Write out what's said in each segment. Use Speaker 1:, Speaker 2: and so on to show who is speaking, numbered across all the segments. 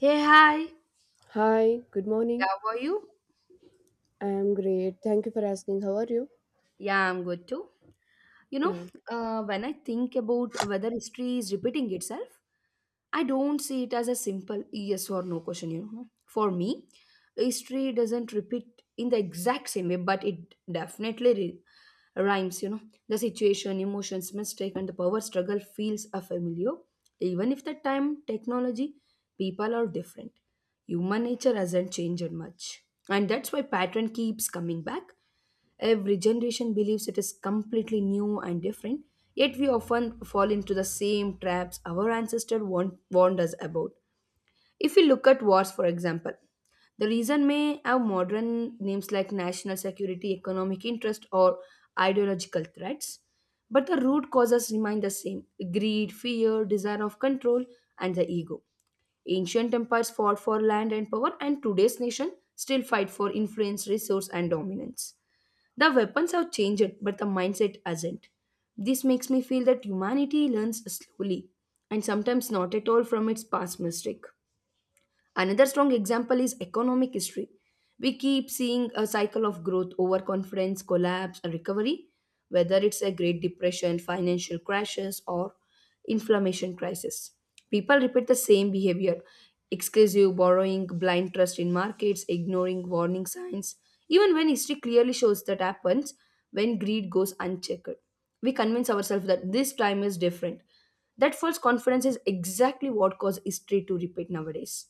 Speaker 1: Hey, hi.
Speaker 2: Hi, good
Speaker 1: Yeah,
Speaker 2: morning.
Speaker 1: how are you?
Speaker 2: I am great. Thank you for asking. How are you?
Speaker 1: Yeah, I'm good too. You know,
Speaker 2: Yeah,
Speaker 1: when I think about whether history is repeating itself, I don't see it as a simple yes or no question, you know. For me, history doesn't repeat in the exact same way, but it definitely rhymes, you know. The situation, emotions, mistake, and the power struggle feels are familiar, even if the time, technology, people are different. Human nature hasn't changed much. And that's why pattern keeps coming back. Every generation believes it is completely new and different, yet we often fall into the same traps our ancestors warned us about. If we look at wars, for example, the reason may have modern names like national security, economic interest, or ideological threats, but the root causes remain the same: greed, fear, desire of control, and the ego. Ancient empires fought for land and power, and today's nation still fight for influence, resource, and dominance. The weapons have changed, but the mindset hasn't. This makes me feel that humanity learns slowly and sometimes not at all from its past mistake. Another strong example is economic history. We keep seeing a cycle of growth, overconfidence, collapse, and recovery, whether it's a Great Depression, financial crashes, or inflammation crisis. People repeat the same behavior: exclusive borrowing, blind trust in markets, ignoring warning signs, even when history clearly shows that happens when greed goes unchecked. We convince ourselves that this time is different. That false confidence is exactly what causes history to repeat nowadays.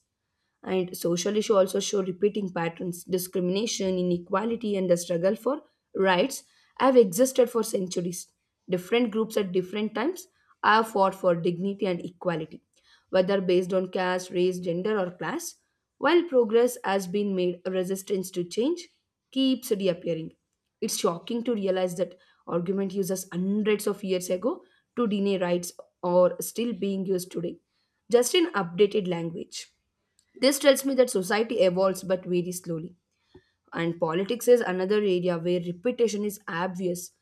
Speaker 1: And social issues also show repeating patterns. Discrimination, inequality, and the struggle for rights have existed for centuries. Different groups at different times have fought for dignity and equality, whether based on caste, race, gender, or class. While progress has been made, resistance to change keeps reappearing. It's shocking to realize that argument uses hundreds of years ago to deny rights are still being used today, just in updated language. This tells me that society evolves but very slowly. And politics is another area where repetition is obvious.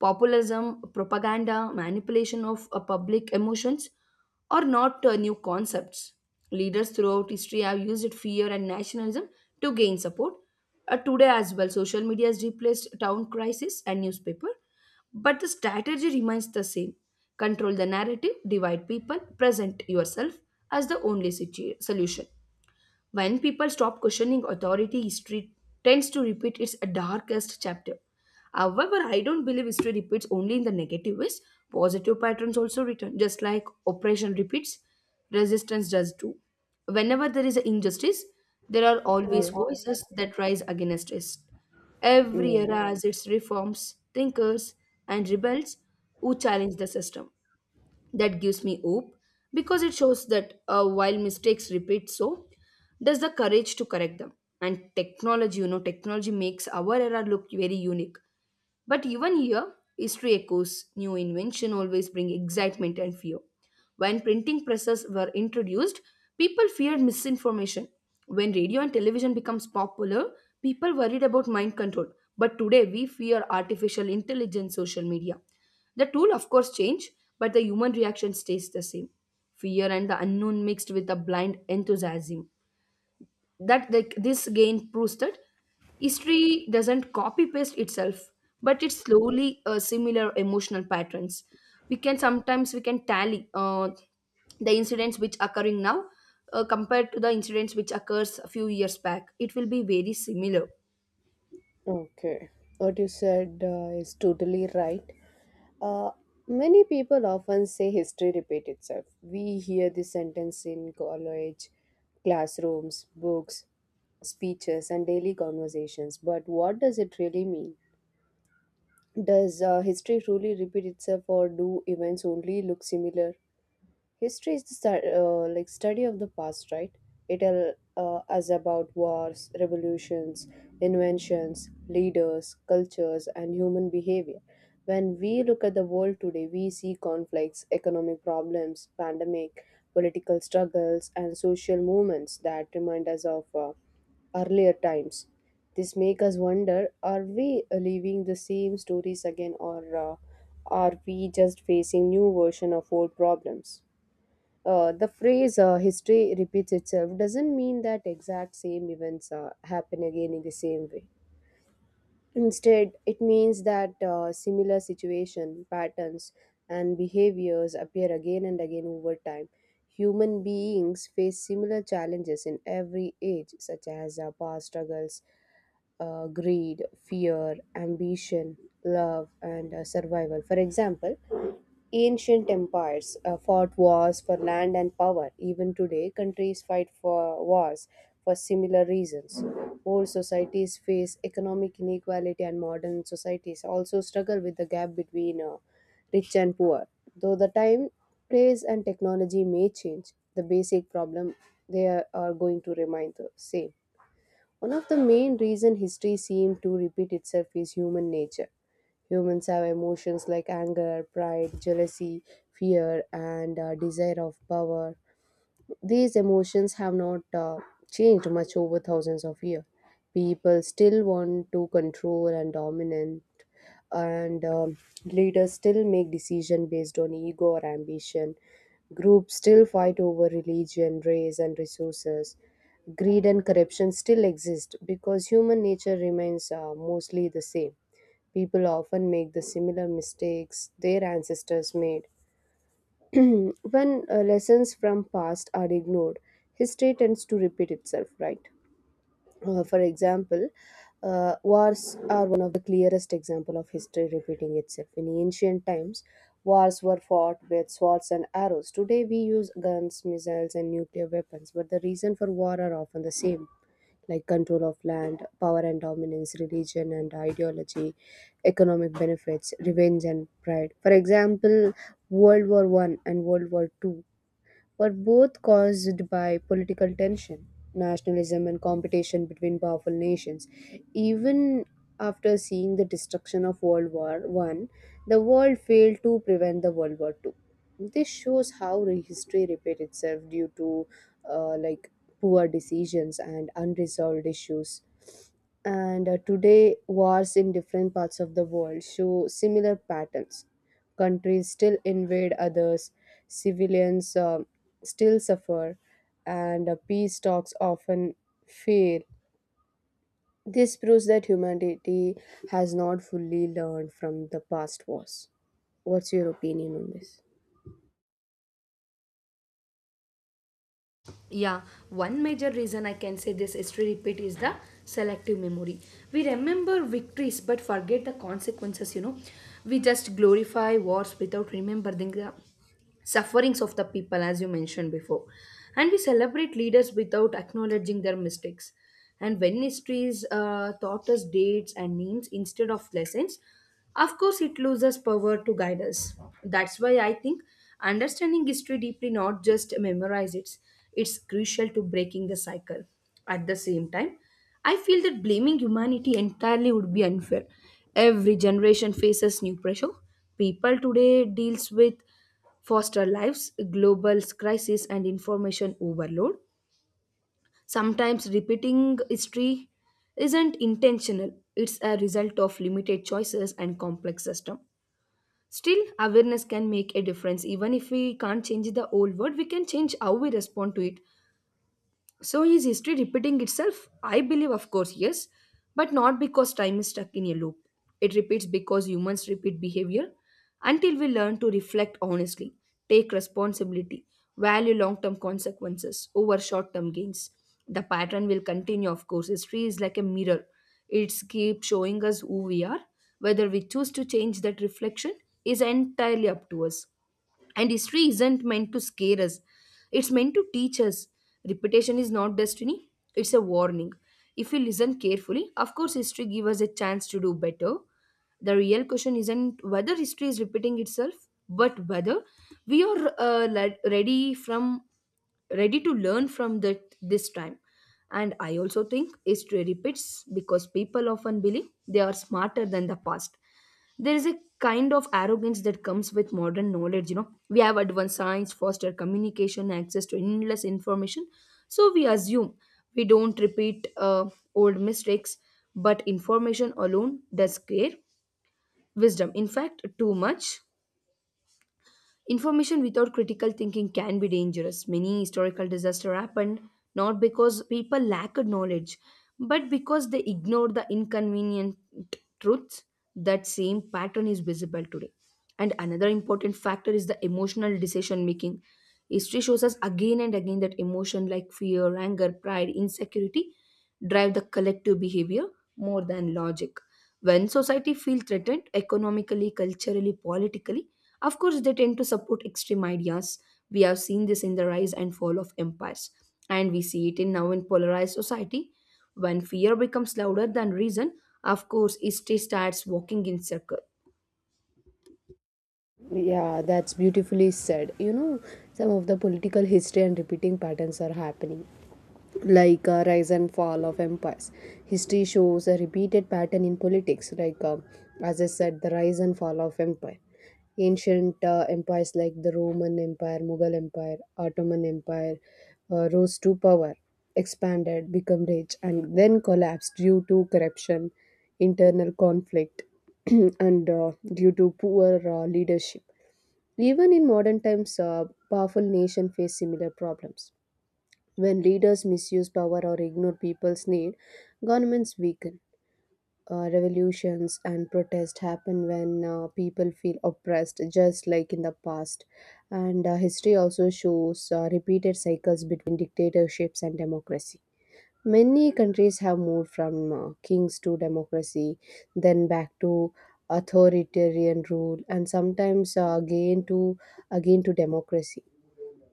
Speaker 1: Populism, propaganda, manipulation of public emotions are not new concepts. Leaders throughout history have used fear and nationalism to gain support. Today, as well, social media has replaced town crisis and newspaper, but the strategy remains the same: control the narrative, divide people, present yourself as the only solution. When people stop questioning authority, history tends to repeat its darkest chapter. However, I don't believe history repeats only in the negative ways. Positive patterns also return. Just like oppression repeats, resistance does too. Whenever there is an injustice, there are
Speaker 2: yeah,
Speaker 1: always
Speaker 2: yeah,
Speaker 1: voices that rise against it. Every
Speaker 2: yeah.
Speaker 1: era has its reforms, thinkers, and rebels who challenge the system. That gives me hope because it shows that while mistakes repeat, so does the courage to correct them. And technology, you know, technology makes our era look very unique, but even here, history echoes. New invention always bring excitement and fear. When printing presses were introduced, people feared misinformation. When radio and television becomes popular, people worried about mind control. But today we fear artificial intelligence, social media. The tool of course change, but the human reaction stays the same. Fear and the unknown mixed with a blind enthusiasm that the, this gain proves that history doesn't copy paste itself but it slowly similar emotional patterns. We can Sometimes we can tally the incidents which occurring now, compared to the incidents which occurs a few years back, it will be very similar.
Speaker 2: Okay. What you said is totally right. Uh, Many people often say history repeat itself. We hear this sentence in college, classrooms, books, speeches, and daily conversations. But what does it really mean? Does history truly repeat itself, or do events only look similar? History is the like study of the past, right? It tells us about wars, revolutions, inventions, leaders, cultures, and human behavior. When we look at the world today, we see conflicts, economic problems, pandemic, political struggles, and social movements that remind us of earlier times. This make us wonder: are we living the same stories again, or are we just facing new version of old problems? The phrase history repeats itself doesn't mean that exact same events happen again in the same way. Instead, it means that similar situation, patterns, and behaviors appear again and again over time. Human beings face similar challenges in every age, such as power struggles, greed, fear, ambition, love, and survival. For example, ancient empires fought wars for land and power. Even today, countries fight for wars for similar reasons. Old societies face economic inequality, and modern societies also struggle with the gap between rich and poor. Though the time, place, and technology may change, the basic problem they are going to remain the same. One of the main reasons history seems to repeat itself is human nature. Humans have emotions like anger, pride, jealousy, fear, and desire of power. These emotions have not changed much over thousands of years. People still want to control and dominance, and leaders still make decision based on ego or ambition. Groups still fight over religion, race, and resources. Greed and corruption still exist because human nature remains mostly the same. People often make the similar mistakes their ancestors made. When lessons from past are ignored, history tends to repeat itself, right? For example, wars are one of the clearest example of history repeating itself. In ancient times, wars were fought with swords and arrows. Today, we use guns, missiles, and nuclear weapons. But the reason for war are often the same, like control of land, power and dominance, religion and ideology, economic benefits, revenge and pride. For example, World War I and World War II were both caused by political tension, nationalism, and competition between powerful nations. Even after seeing the destruction of World War I, the world failed to prevent the World War II. This shows how history repeats itself due to like poor decisions and unresolved issues. And today, wars in different parts of the world show similar patterns. Countries still invade others, civilians still suffer, and peace talks often fail. This proves that humanity has not fully learned from the past wars. What's your opinion on this?
Speaker 1: Yeah, one major reason I can say this history repeat is the selective memory. We remember victories but forget the consequences, you know. We just glorify wars without remembering the sufferings of the people, as you mentioned before. And we celebrate leaders without acknowledging their mistakes. And when histories taught us dates and names instead of lessons, of course, it loses power to guide us. That's why I think understanding history deeply, not just memorize it, it's crucial to breaking the cycle. At the same time, I feel that blaming humanity entirely would be unfair. Every generation faces new pressure. People today deals with foster lives, global crisis, and information overload. Sometimes repeating history isn't intentional, it's a result of limited choices and complex system. Still, awareness can make a difference. Even if we can't change the old world, we can change how we respond to it. So is history repeating itself? I believe, of course, yes, but not because time is stuck in a loop. It repeats because humans repeat behavior until we learn to reflect honestly, take responsibility, value long term consequences over short term gains. The pattern will continue, of course. History is like a mirror, it keeps showing us who we are. Whether we choose to change that reflection is entirely up to us. And history isn't meant to scare us, it's meant to teach us. Repetition is not destiny, it's a warning. If we listen carefully, of course, history gives us a chance to do better. The real question isn't whether history is repeating itself, but whether we are ready to learn from that this time. And I also think history repeats because people often believe they are smarter than the past. There is a kind of arrogance that comes with modern knowledge, you know. We have advanced science, faster communication, access to endless information, so we assume we don't repeat old mistakes. But information alone does create wisdom. In fact, too much information without critical thinking can be dangerous. Many historical disasters happened not because people lacked knowledge, but because they ignored the inconvenient truths. That same pattern is visible today. And another important factor is the emotional decision making. History shows us again and again that emotion like fear, anger, pride, insecurity drive the collective behavior more than logic. When society feels threatened economically, culturally, politically, of course, they tend to support extreme ideas. We have seen this in the rise and fall of empires, and we see it in now in polarized society. When fear becomes louder than reason, of course, history starts walking in circle.
Speaker 2: Yeah, that's beautifully said. You know, some of the political history and repeating patterns are happening, like rise and fall of empires. History shows a repeated pattern in politics, like as I said, the rise and fall of empire. Ancient empires like the Roman Empire, Mughal Empire, Ottoman Empire rose to power, expanded, become rich, and then collapsed due to corruption, internal conflict, and due to poor leadership. Even in modern times, powerful nations face similar problems. When leaders misuse power or ignore people's need, governments weaken. Revolutions and protests happen when people feel oppressed, just like in the past. And history also shows repeated cycles between dictatorships and democracy. Many countries have moved from kings to democracy, then back to authoritarian rule, and sometimes again to democracy.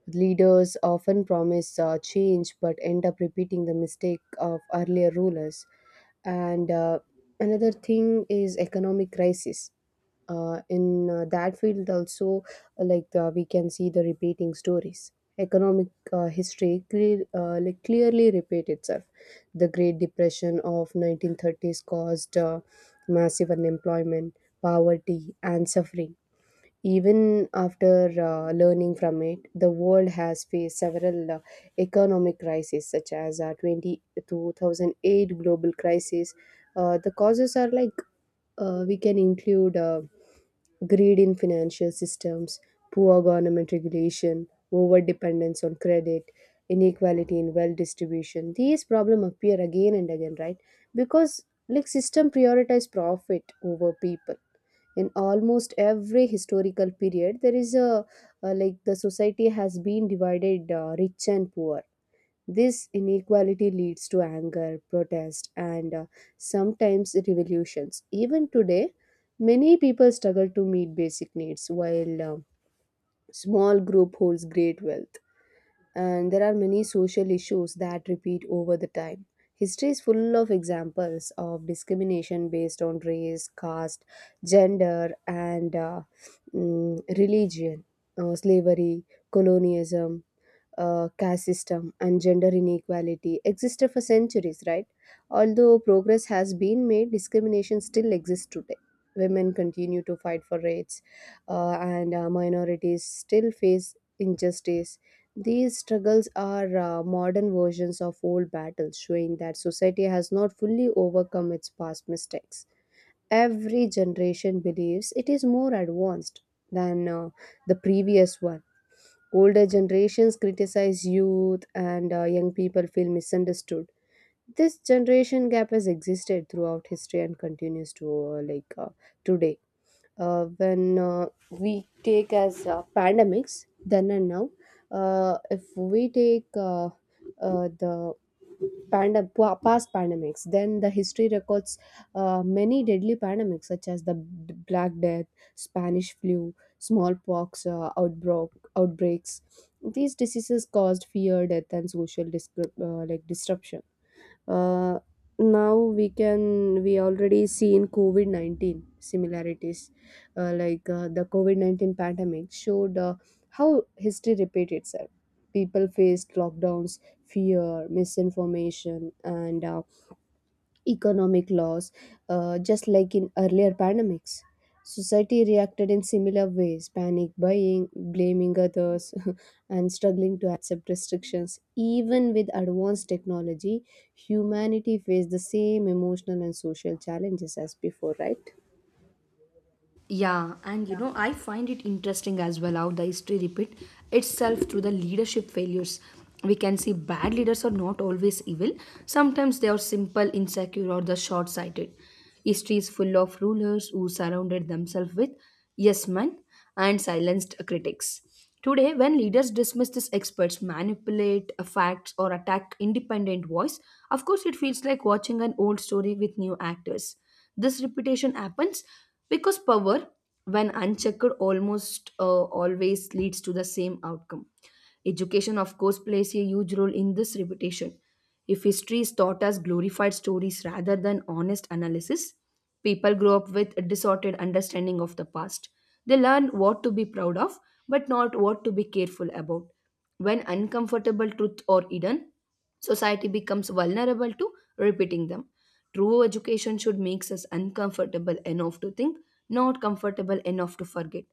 Speaker 2: Leaders often promise change but end up repeating the mistake of earlier rulers. And another thing is economic crisis. In that field, also, like we can see the repeating stories. Economic history, like clearly repeat itself. The Great Depression of 1930s caused massive unemployment, poverty, and suffering. Even after learning from it, the world has faced several economic crises, such as 20 2008 global crisis. The causes are, like we can include, greed in financial systems, poor government regulation, over dependence on credit, inequality in wealth distribution. These problems appear again and again, right? Because like system prioritize profit over people. In almost every historical period, there is a like the society has been divided rich and poor. This inequality leads to anger, protest, and sometimes revolutions. Even today, many people struggle to meet basic needs while a small group holds great wealth. And there are many social issues that repeat over the time. History is full of examples of discrimination based on race, caste, gender, and religion, slavery, colonialism, caste system and gender inequality existed for centuries, right? Although progress has been made, discrimination still exists today. Women continue to fight for rights, and minorities still face injustice. These struggles are modern versions of old battles, showing that society has not fully overcome its past mistakes. Every generation believes it is more advanced than the previous one. Older generations criticize youth, and young people feel misunderstood. This generation gap has existed throughout history and continues to today. When we take as pandemics then and now, if we take the past pandemics, then the history records many deadly pandemics such as the Black Death, Spanish flu, smallpox outbreaks. These diseases caused fear, death, and social like disruption. uh, Now we can, we already see in COVID-19 similarities. Like the COVID-19 pandemic showed how history repeats itself. People faced lockdowns, fear, misinformation, and economic loss, just like in earlier pandemics. Society reacted in similar ways: panic buying, blaming others, and struggling to accept restrictions. Even with advanced technology, humanity faced the same emotional and social challenges as before, right?
Speaker 1: Yeah, and you know, I find it interesting as well how the history repeat itself through the leadership failures. We can see bad leaders are not always evil. Sometimes they are simple, insecure, or the short-sighted. History is full of rulers who surrounded themselves with yes men and silenced critics. Today, when leaders dismiss these experts, manipulate facts, or attack independent voice, of course, it feels like watching an old story with new actors. This repetition happens because power, when unchecked, almost always leads to the same outcome. Education, of course, plays a huge role in this repetition. If history is taught as glorified stories rather than honest analysis, people grow up with a distorted understanding of the past. They learn what to be proud of, but not what to be careful about. When uncomfortable truths are hidden, society becomes vulnerable to repeating them. True education should make us uncomfortable enough to think, not comfortable enough to forget.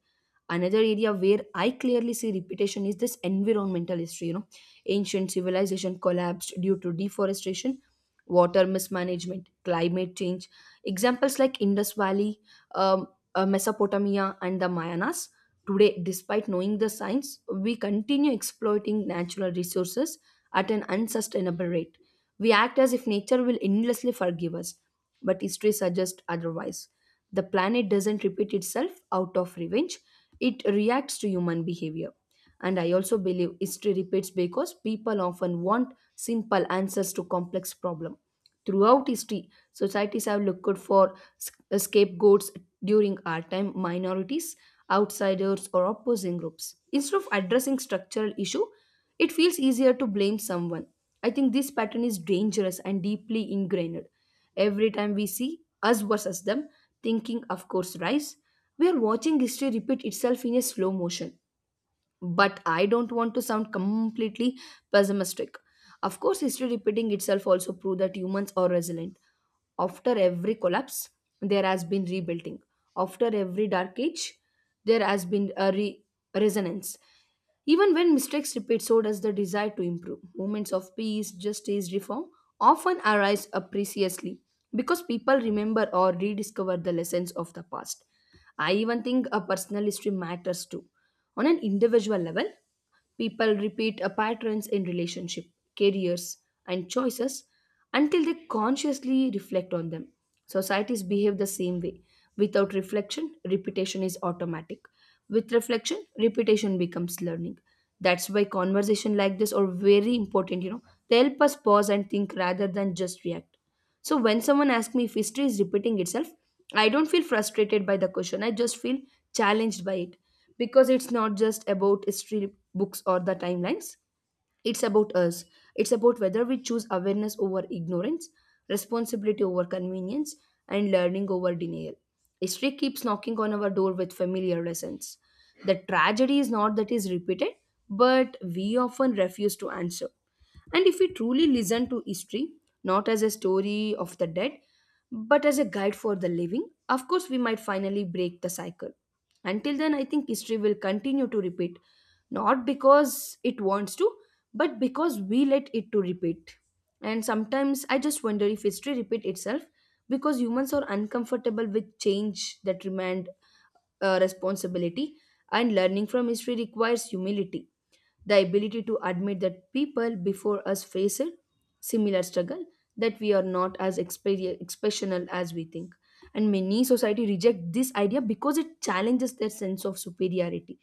Speaker 1: Another area where I clearly see repetition is this environmental history, you know. Ancient civilization collapsed due to deforestation, water mismanagement, climate change. Examples like Indus Valley, um, Mesopotamia, and the Mayanas. Today, despite knowing the science, we continue exploiting natural resources at an unsustainable rate. We act as if nature will endlessly forgive us, but history suggests otherwise. The planet doesn't repeat itself out of revenge, it reacts to human behavior. And I also believe history repeats because people often want simple answers to complex problems. Throughout history, societies have looked for scapegoats during our time: minorities, outsiders, or opposing groups. Instead of addressing structural issue, it feels easier to blame someone. I think this pattern is dangerous and deeply ingrained. Every time we see us versus them, thinking, of course, rise, we are watching history repeat itself in a slow motion. But I don't want to sound completely pessimistic. Of course, history repeating itself also proves that humans are resilient. After every collapse, there has been rebuilding. After every dark age, there has been a resonance. Even when mistakes repeat, so does the desire to improve. Moments of peace, justice, reform often arise appreciably because people remember or rediscover the lessons of the past. I even think a personal history matters too. On an individual level, people repeat patterns in relationship, careers, and choices until they consciously reflect on them. Societies behave the same way. Without reflection, repetition is automatic. With reflection, repetition becomes learning. That's why conversation like this are very important, you know. They help us pause and think rather than just react. So when someone asks me if history is repeating itself, I don't feel frustrated by the question. I just feel challenged by it because it's not just about history books or the timelines. It's about us. It's about whether we choose awareness over ignorance, responsibility over convenience, and learning over denial. History keeps knocking on our door with familiar lessons. The tragedy is not that is repeated, but we often refuse to answer. And if we truly listen to history, not as a story of the dead, but as a guide for the living, of course, we might finally break the cycle. Until then, I think history will continue to repeat, not because it wants to, but because we let it to repeat. And sometimes I just wonder if history repeat itself because humans are uncomfortable with change that remained responsibility, and learning from history requires humility, the ability to admit that people before us face a similar struggle, that we are not as exceptional as we think. And many society reject this idea because it challenges their sense of superiority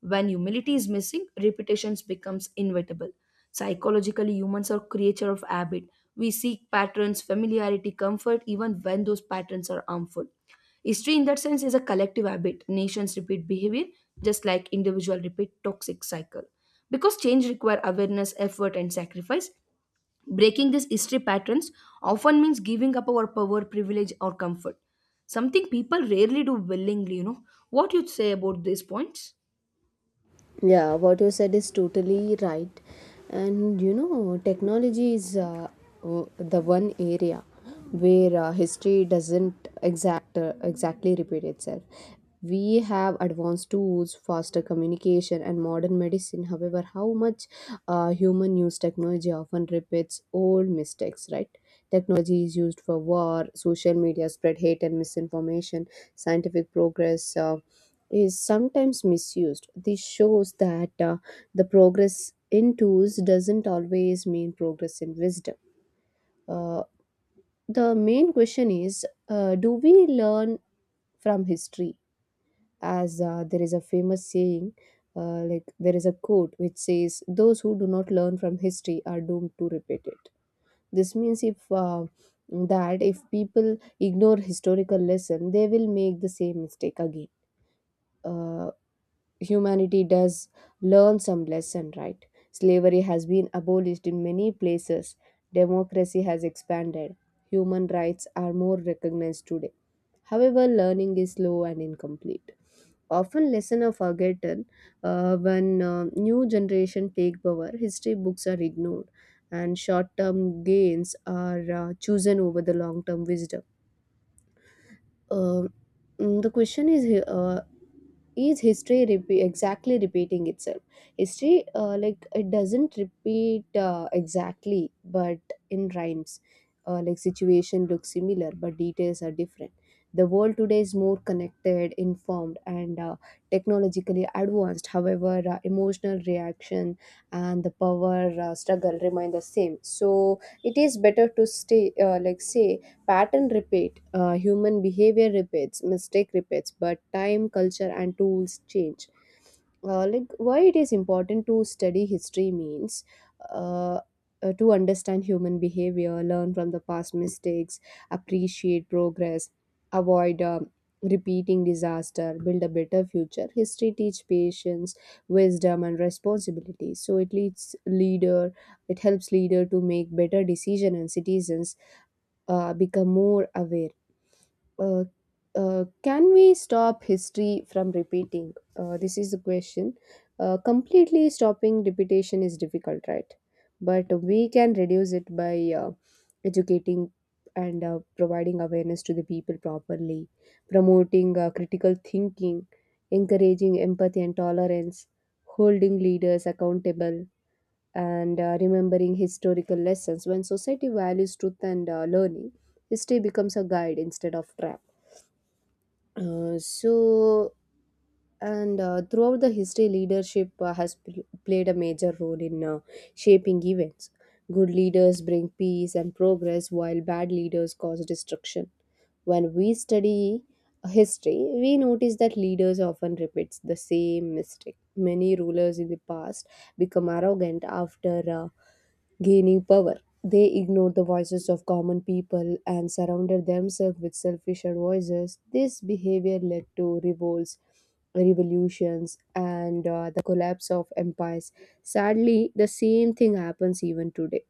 Speaker 1: when humility is missing, repetitions becomes inevitable. Psychologically, humans are creature of habit. We seek patterns, familiarity, comfort, even when those patterns are harmful. History, in that sense, is a collective habit. Nations repeat behavior just like individual repeat toxic cycle. Because change require awareness, effort, and sacrifice, breaking these history patterns often means giving up our power, privilege, or comfort. Something people rarely do willingly. What you say about these points?
Speaker 2: Yeah, what you said is totally right. And you know, technology is the one area where history doesn't exactly repeat itself. We have advanced tools, faster communication, and modern medicine. However, how much human use technology often repeats old mistakes, right? Technology is used for war, social media spread hate and misinformation, scientific progress is sometimes misused. This shows that the progress in tools doesn't always mean progress in wisdom. Uh, the main question is, do we learn from history? As there is a famous saying, like there is a quote which says, "Those who do not learn from history are doomed to repeat it." This means if that if people ignore historical lesson, they will make the same mistake again. Uh, Humanity does learn some lesson, right? Slavery has been abolished in many places. Democracy has expanded. Human rights are more recognized today. However, learning is slow and incomplete. Often lesson are forgotten when new generation take power, history books are ignored, and short-term gains are chosen over the long-term wisdom. uh, the question is here, is history exactly repeating itself? History, like it doesn't repeat exactly, but in rhymes. Like situation looks similar but details are different. The world today is more connected, informed, and technologically advanced. However, emotional reaction and the power struggle remain the same, so it is better to stay like say: pattern repeat, human behavior repeats, mistake repeats, but time, culture, and tools change. Like why it is important to study history means uh, to understand human behavior, learn from the past mistakes, appreciate progress, avoid repeating disaster, build a better future. History teach patience, wisdom, and responsibility. So it helps leader to make better decision, and citizens become more aware. Uh, can we stop history from repeating? This is the question. Completely stopping repetition is difficult, right? But we can reduce it by educating and providing awareness to the people properly, promoting critical thinking, encouraging empathy and tolerance, holding leaders accountable, and remembering historical lessons. When society values truth and learning, history becomes a guide instead of trap. So, and throughout the history, leadership has played a major role in shaping events. Good leaders bring peace and progress, while bad leaders cause destruction. When we study history, we notice that leaders often repeats the same mistake. Many rulers in the past become arrogant after gaining power. They ignored the voices of common people and surrounded themselves with selfish voices. This behavior led to revolts, revolutions, and the collapse of empires. Sadly, the same thing happens even today.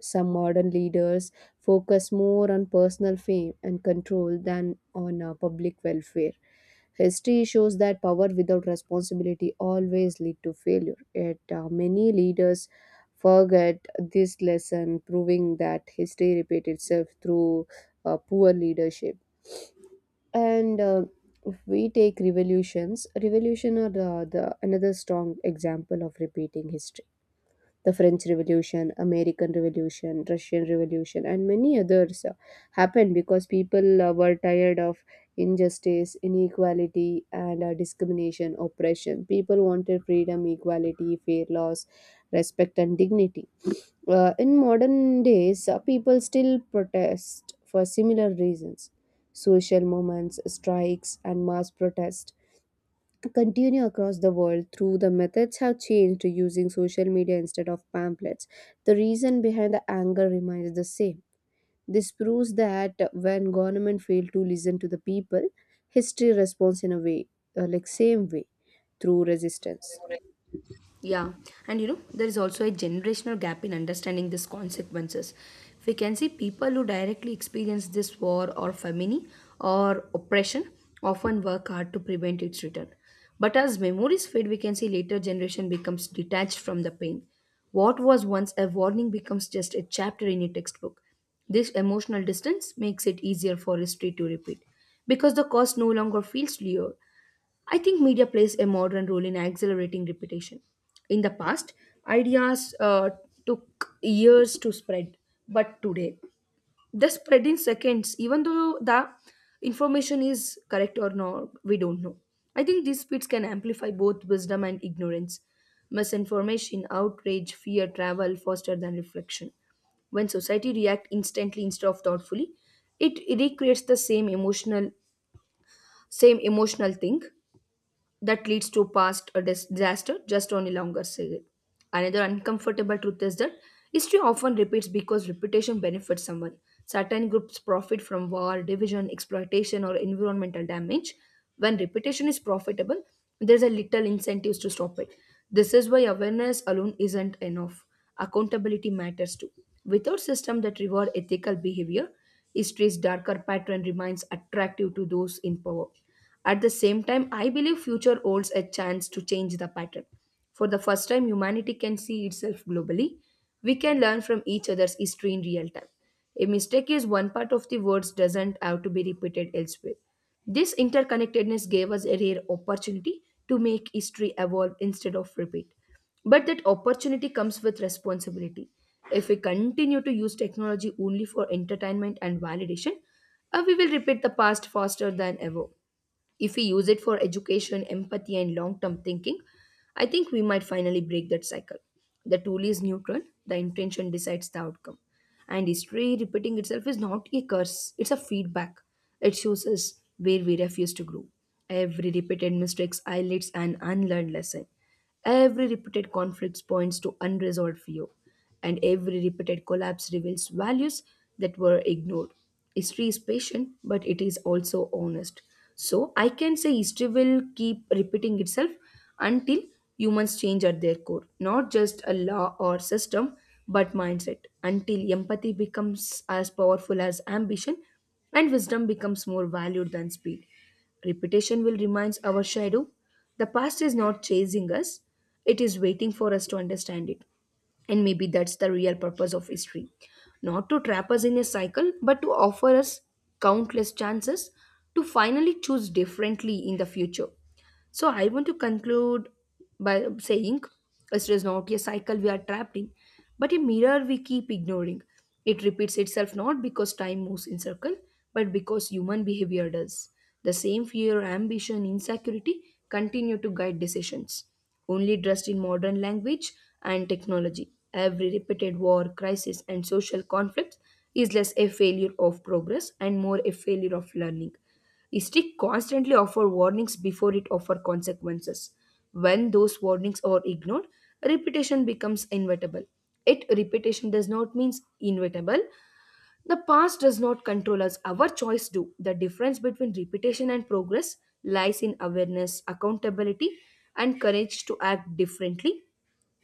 Speaker 2: Some modern leaders focus more on personal fame and control than on public welfare. History shows that power without responsibility always lead to failure. Yet many leaders forget this lesson, proving that history repeats itself through poor leadership. And if we take revolutions, revolution are the another strong example of repeating history. The French Revolution, American Revolution, Russian Revolution, and many others happened because people were tired of injustice, inequality, and discrimination, oppression. People wanted freedom, equality, fair laws, respect, and dignity. In modern days, people still protest for similar reasons. Social movements, strikes, and mass protests continue across the world. Through the methods have changed to using social media instead of pamphlets, the reason behind the anger remains the same. This proves that when government fail to listen to the people, history responds in a way, like same way, through resistance.
Speaker 1: Yeah, and you know, there is also a generational gap in understanding these consequences. We can see people who directly experience this war or famine or oppression often work hard to prevent its return. But as memories fade, we can see later generation becomes detached from the pain. What was once a warning becomes just a chapter in a textbook. This emotional distance makes it easier for history to repeat because the cause no longer feels real. I think media plays a modern role in accelerating reputation. In the past, ideas took years to spread, but today they spread in seconds, even though the information is correct or not, we don't know. I think these speeds can amplify both wisdom and ignorance. Misinformation, outrage, fear travel faster than reflection. When society react instantly instead of thoughtfully, it recreates the same emotional thing that leads to past a disaster just only longer scale. Another uncomfortable truth is that history often repeats because reputation benefits someone. Certain groups profit from war, division, exploitation, or environmental damage. When reputation is profitable, there's a little incentives to stop it. This is why awareness alone isn't enough. Accountability matters too. Without system that reward ethical behavior, history's darker pattern remains attractive to those in power. At the same time, I believe future holds a chance to change the pattern. For the first time, humanity can see itself globally. We can learn from each other's history in real time. A mistake is one part of the words doesn't have to be repeated elsewhere. This interconnectedness gave us a rare opportunity to make history evolve instead of repeat. But that opportunity comes with responsibility. If we continue to use technology only for entertainment and validation, we will repeat the past faster than ever. If we use it for education, empathy, and long term thinking, I think we might finally break that cycle. The tool is neutral, the intention decides the outcome. And history repeating itself is not a curse, it's a feedback. It shows us where we refuse to grow. Every repeated mistake highlights an unlearned lesson. Every repeated conflict points to unresolved fear, and every repeated collapse reveals values that were ignored. History is patient, but it is also honest. So I can say history will keep repeating itself until humans change at their core, not just a law or system, but mindset. Until empathy becomes as powerful as ambition and wisdom becomes more valued than speed. Repetition will remind our shadow the past is not chasing us, it is waiting for us to understand it. And maybe that's the real purpose of history not to trap us in a cycle, but to offer us countless chances to finally choose differently in the future. So I want to conclude by saying it is not a cycle we are trapped in, but a mirror we keep ignoring. It repeats itself not because time moves in circle, but because human behavior does. The same fear, ambition, insecurity continue to guide decisions. Only dressed in modern language and technology, every repeated war, crisis, and social conflict is less a failure of progress and more a failure of learning. History constantly offers warnings before it offers consequences. When those warnings are ignored, repetition becomes inevitable. It repetition does not means inevitable. The past does not control us. Our choice do. The difference between repetition and progress lies in awareness, accountability, and courage to act differently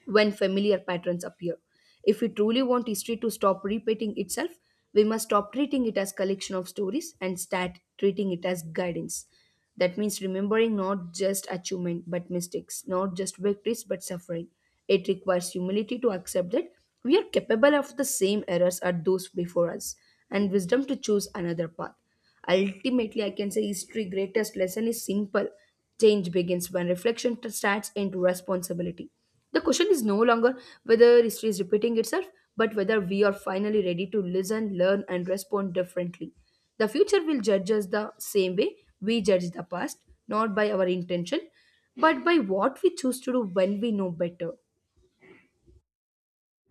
Speaker 1: when familiar patterns appear. If we truly want history to stop repeating itself, we must stop treating it as collection of stories and start treating it as guidance. That means remembering not just achievement but mistakes, not just victories but suffering. It requires humility to accept that we are capable of the same errors as those before us and wisdom to choose another path. Ultimately, I can say history' greatest lesson is simple. Change begins when reflection starts into responsibility. The question is no longer whether history is repeating itself, but whether we are finally ready to listen, learn, and respond differently. The future will judge us the same way we judge the past, not by our intention, but by what we choose to do when we know better.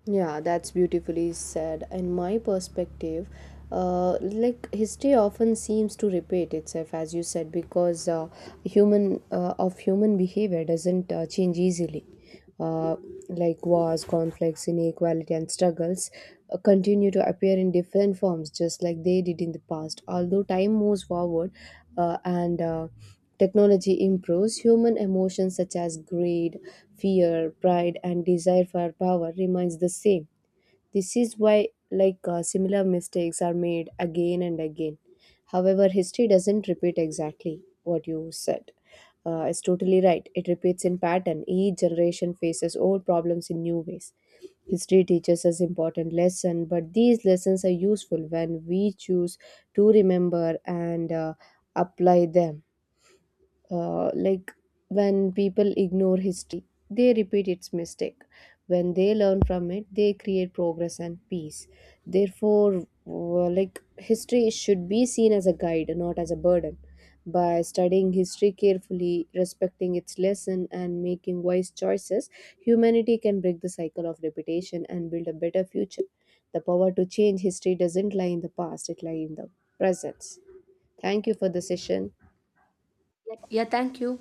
Speaker 2: Yeah, that's beautifully said. In my perspective, like history often seems to repeat itself, as you said, because human of human behavior doesn't change easily. Uh, like wars, conflicts, inequality, and struggles continue to appear in different forms, just like they did in the past. Although time moves forward, and technology improves, human emotions such as greed, fear, pride, and desire for power remains the same. This is why, like similar mistakes are made again and again. However, history doesn't repeat exactly, what you said. It's totally right. It repeats in pattern. Each generation faces old problems in new ways. History teaches us important lessons, but these lessons are useful when we choose to remember and apply them. Like, when people ignore history, they repeat its mistake. When they learn from it, they create progress and peace. Therefore, like history should be seen as a guide, not as a burden. By studying history carefully, respecting its lesson, and making wise choices, humanity can break the cycle of repetition and build a better future. The power to change history doesn't lie in the past, it lies in the present. Thank you for the session.
Speaker 1: Yeah, thank you.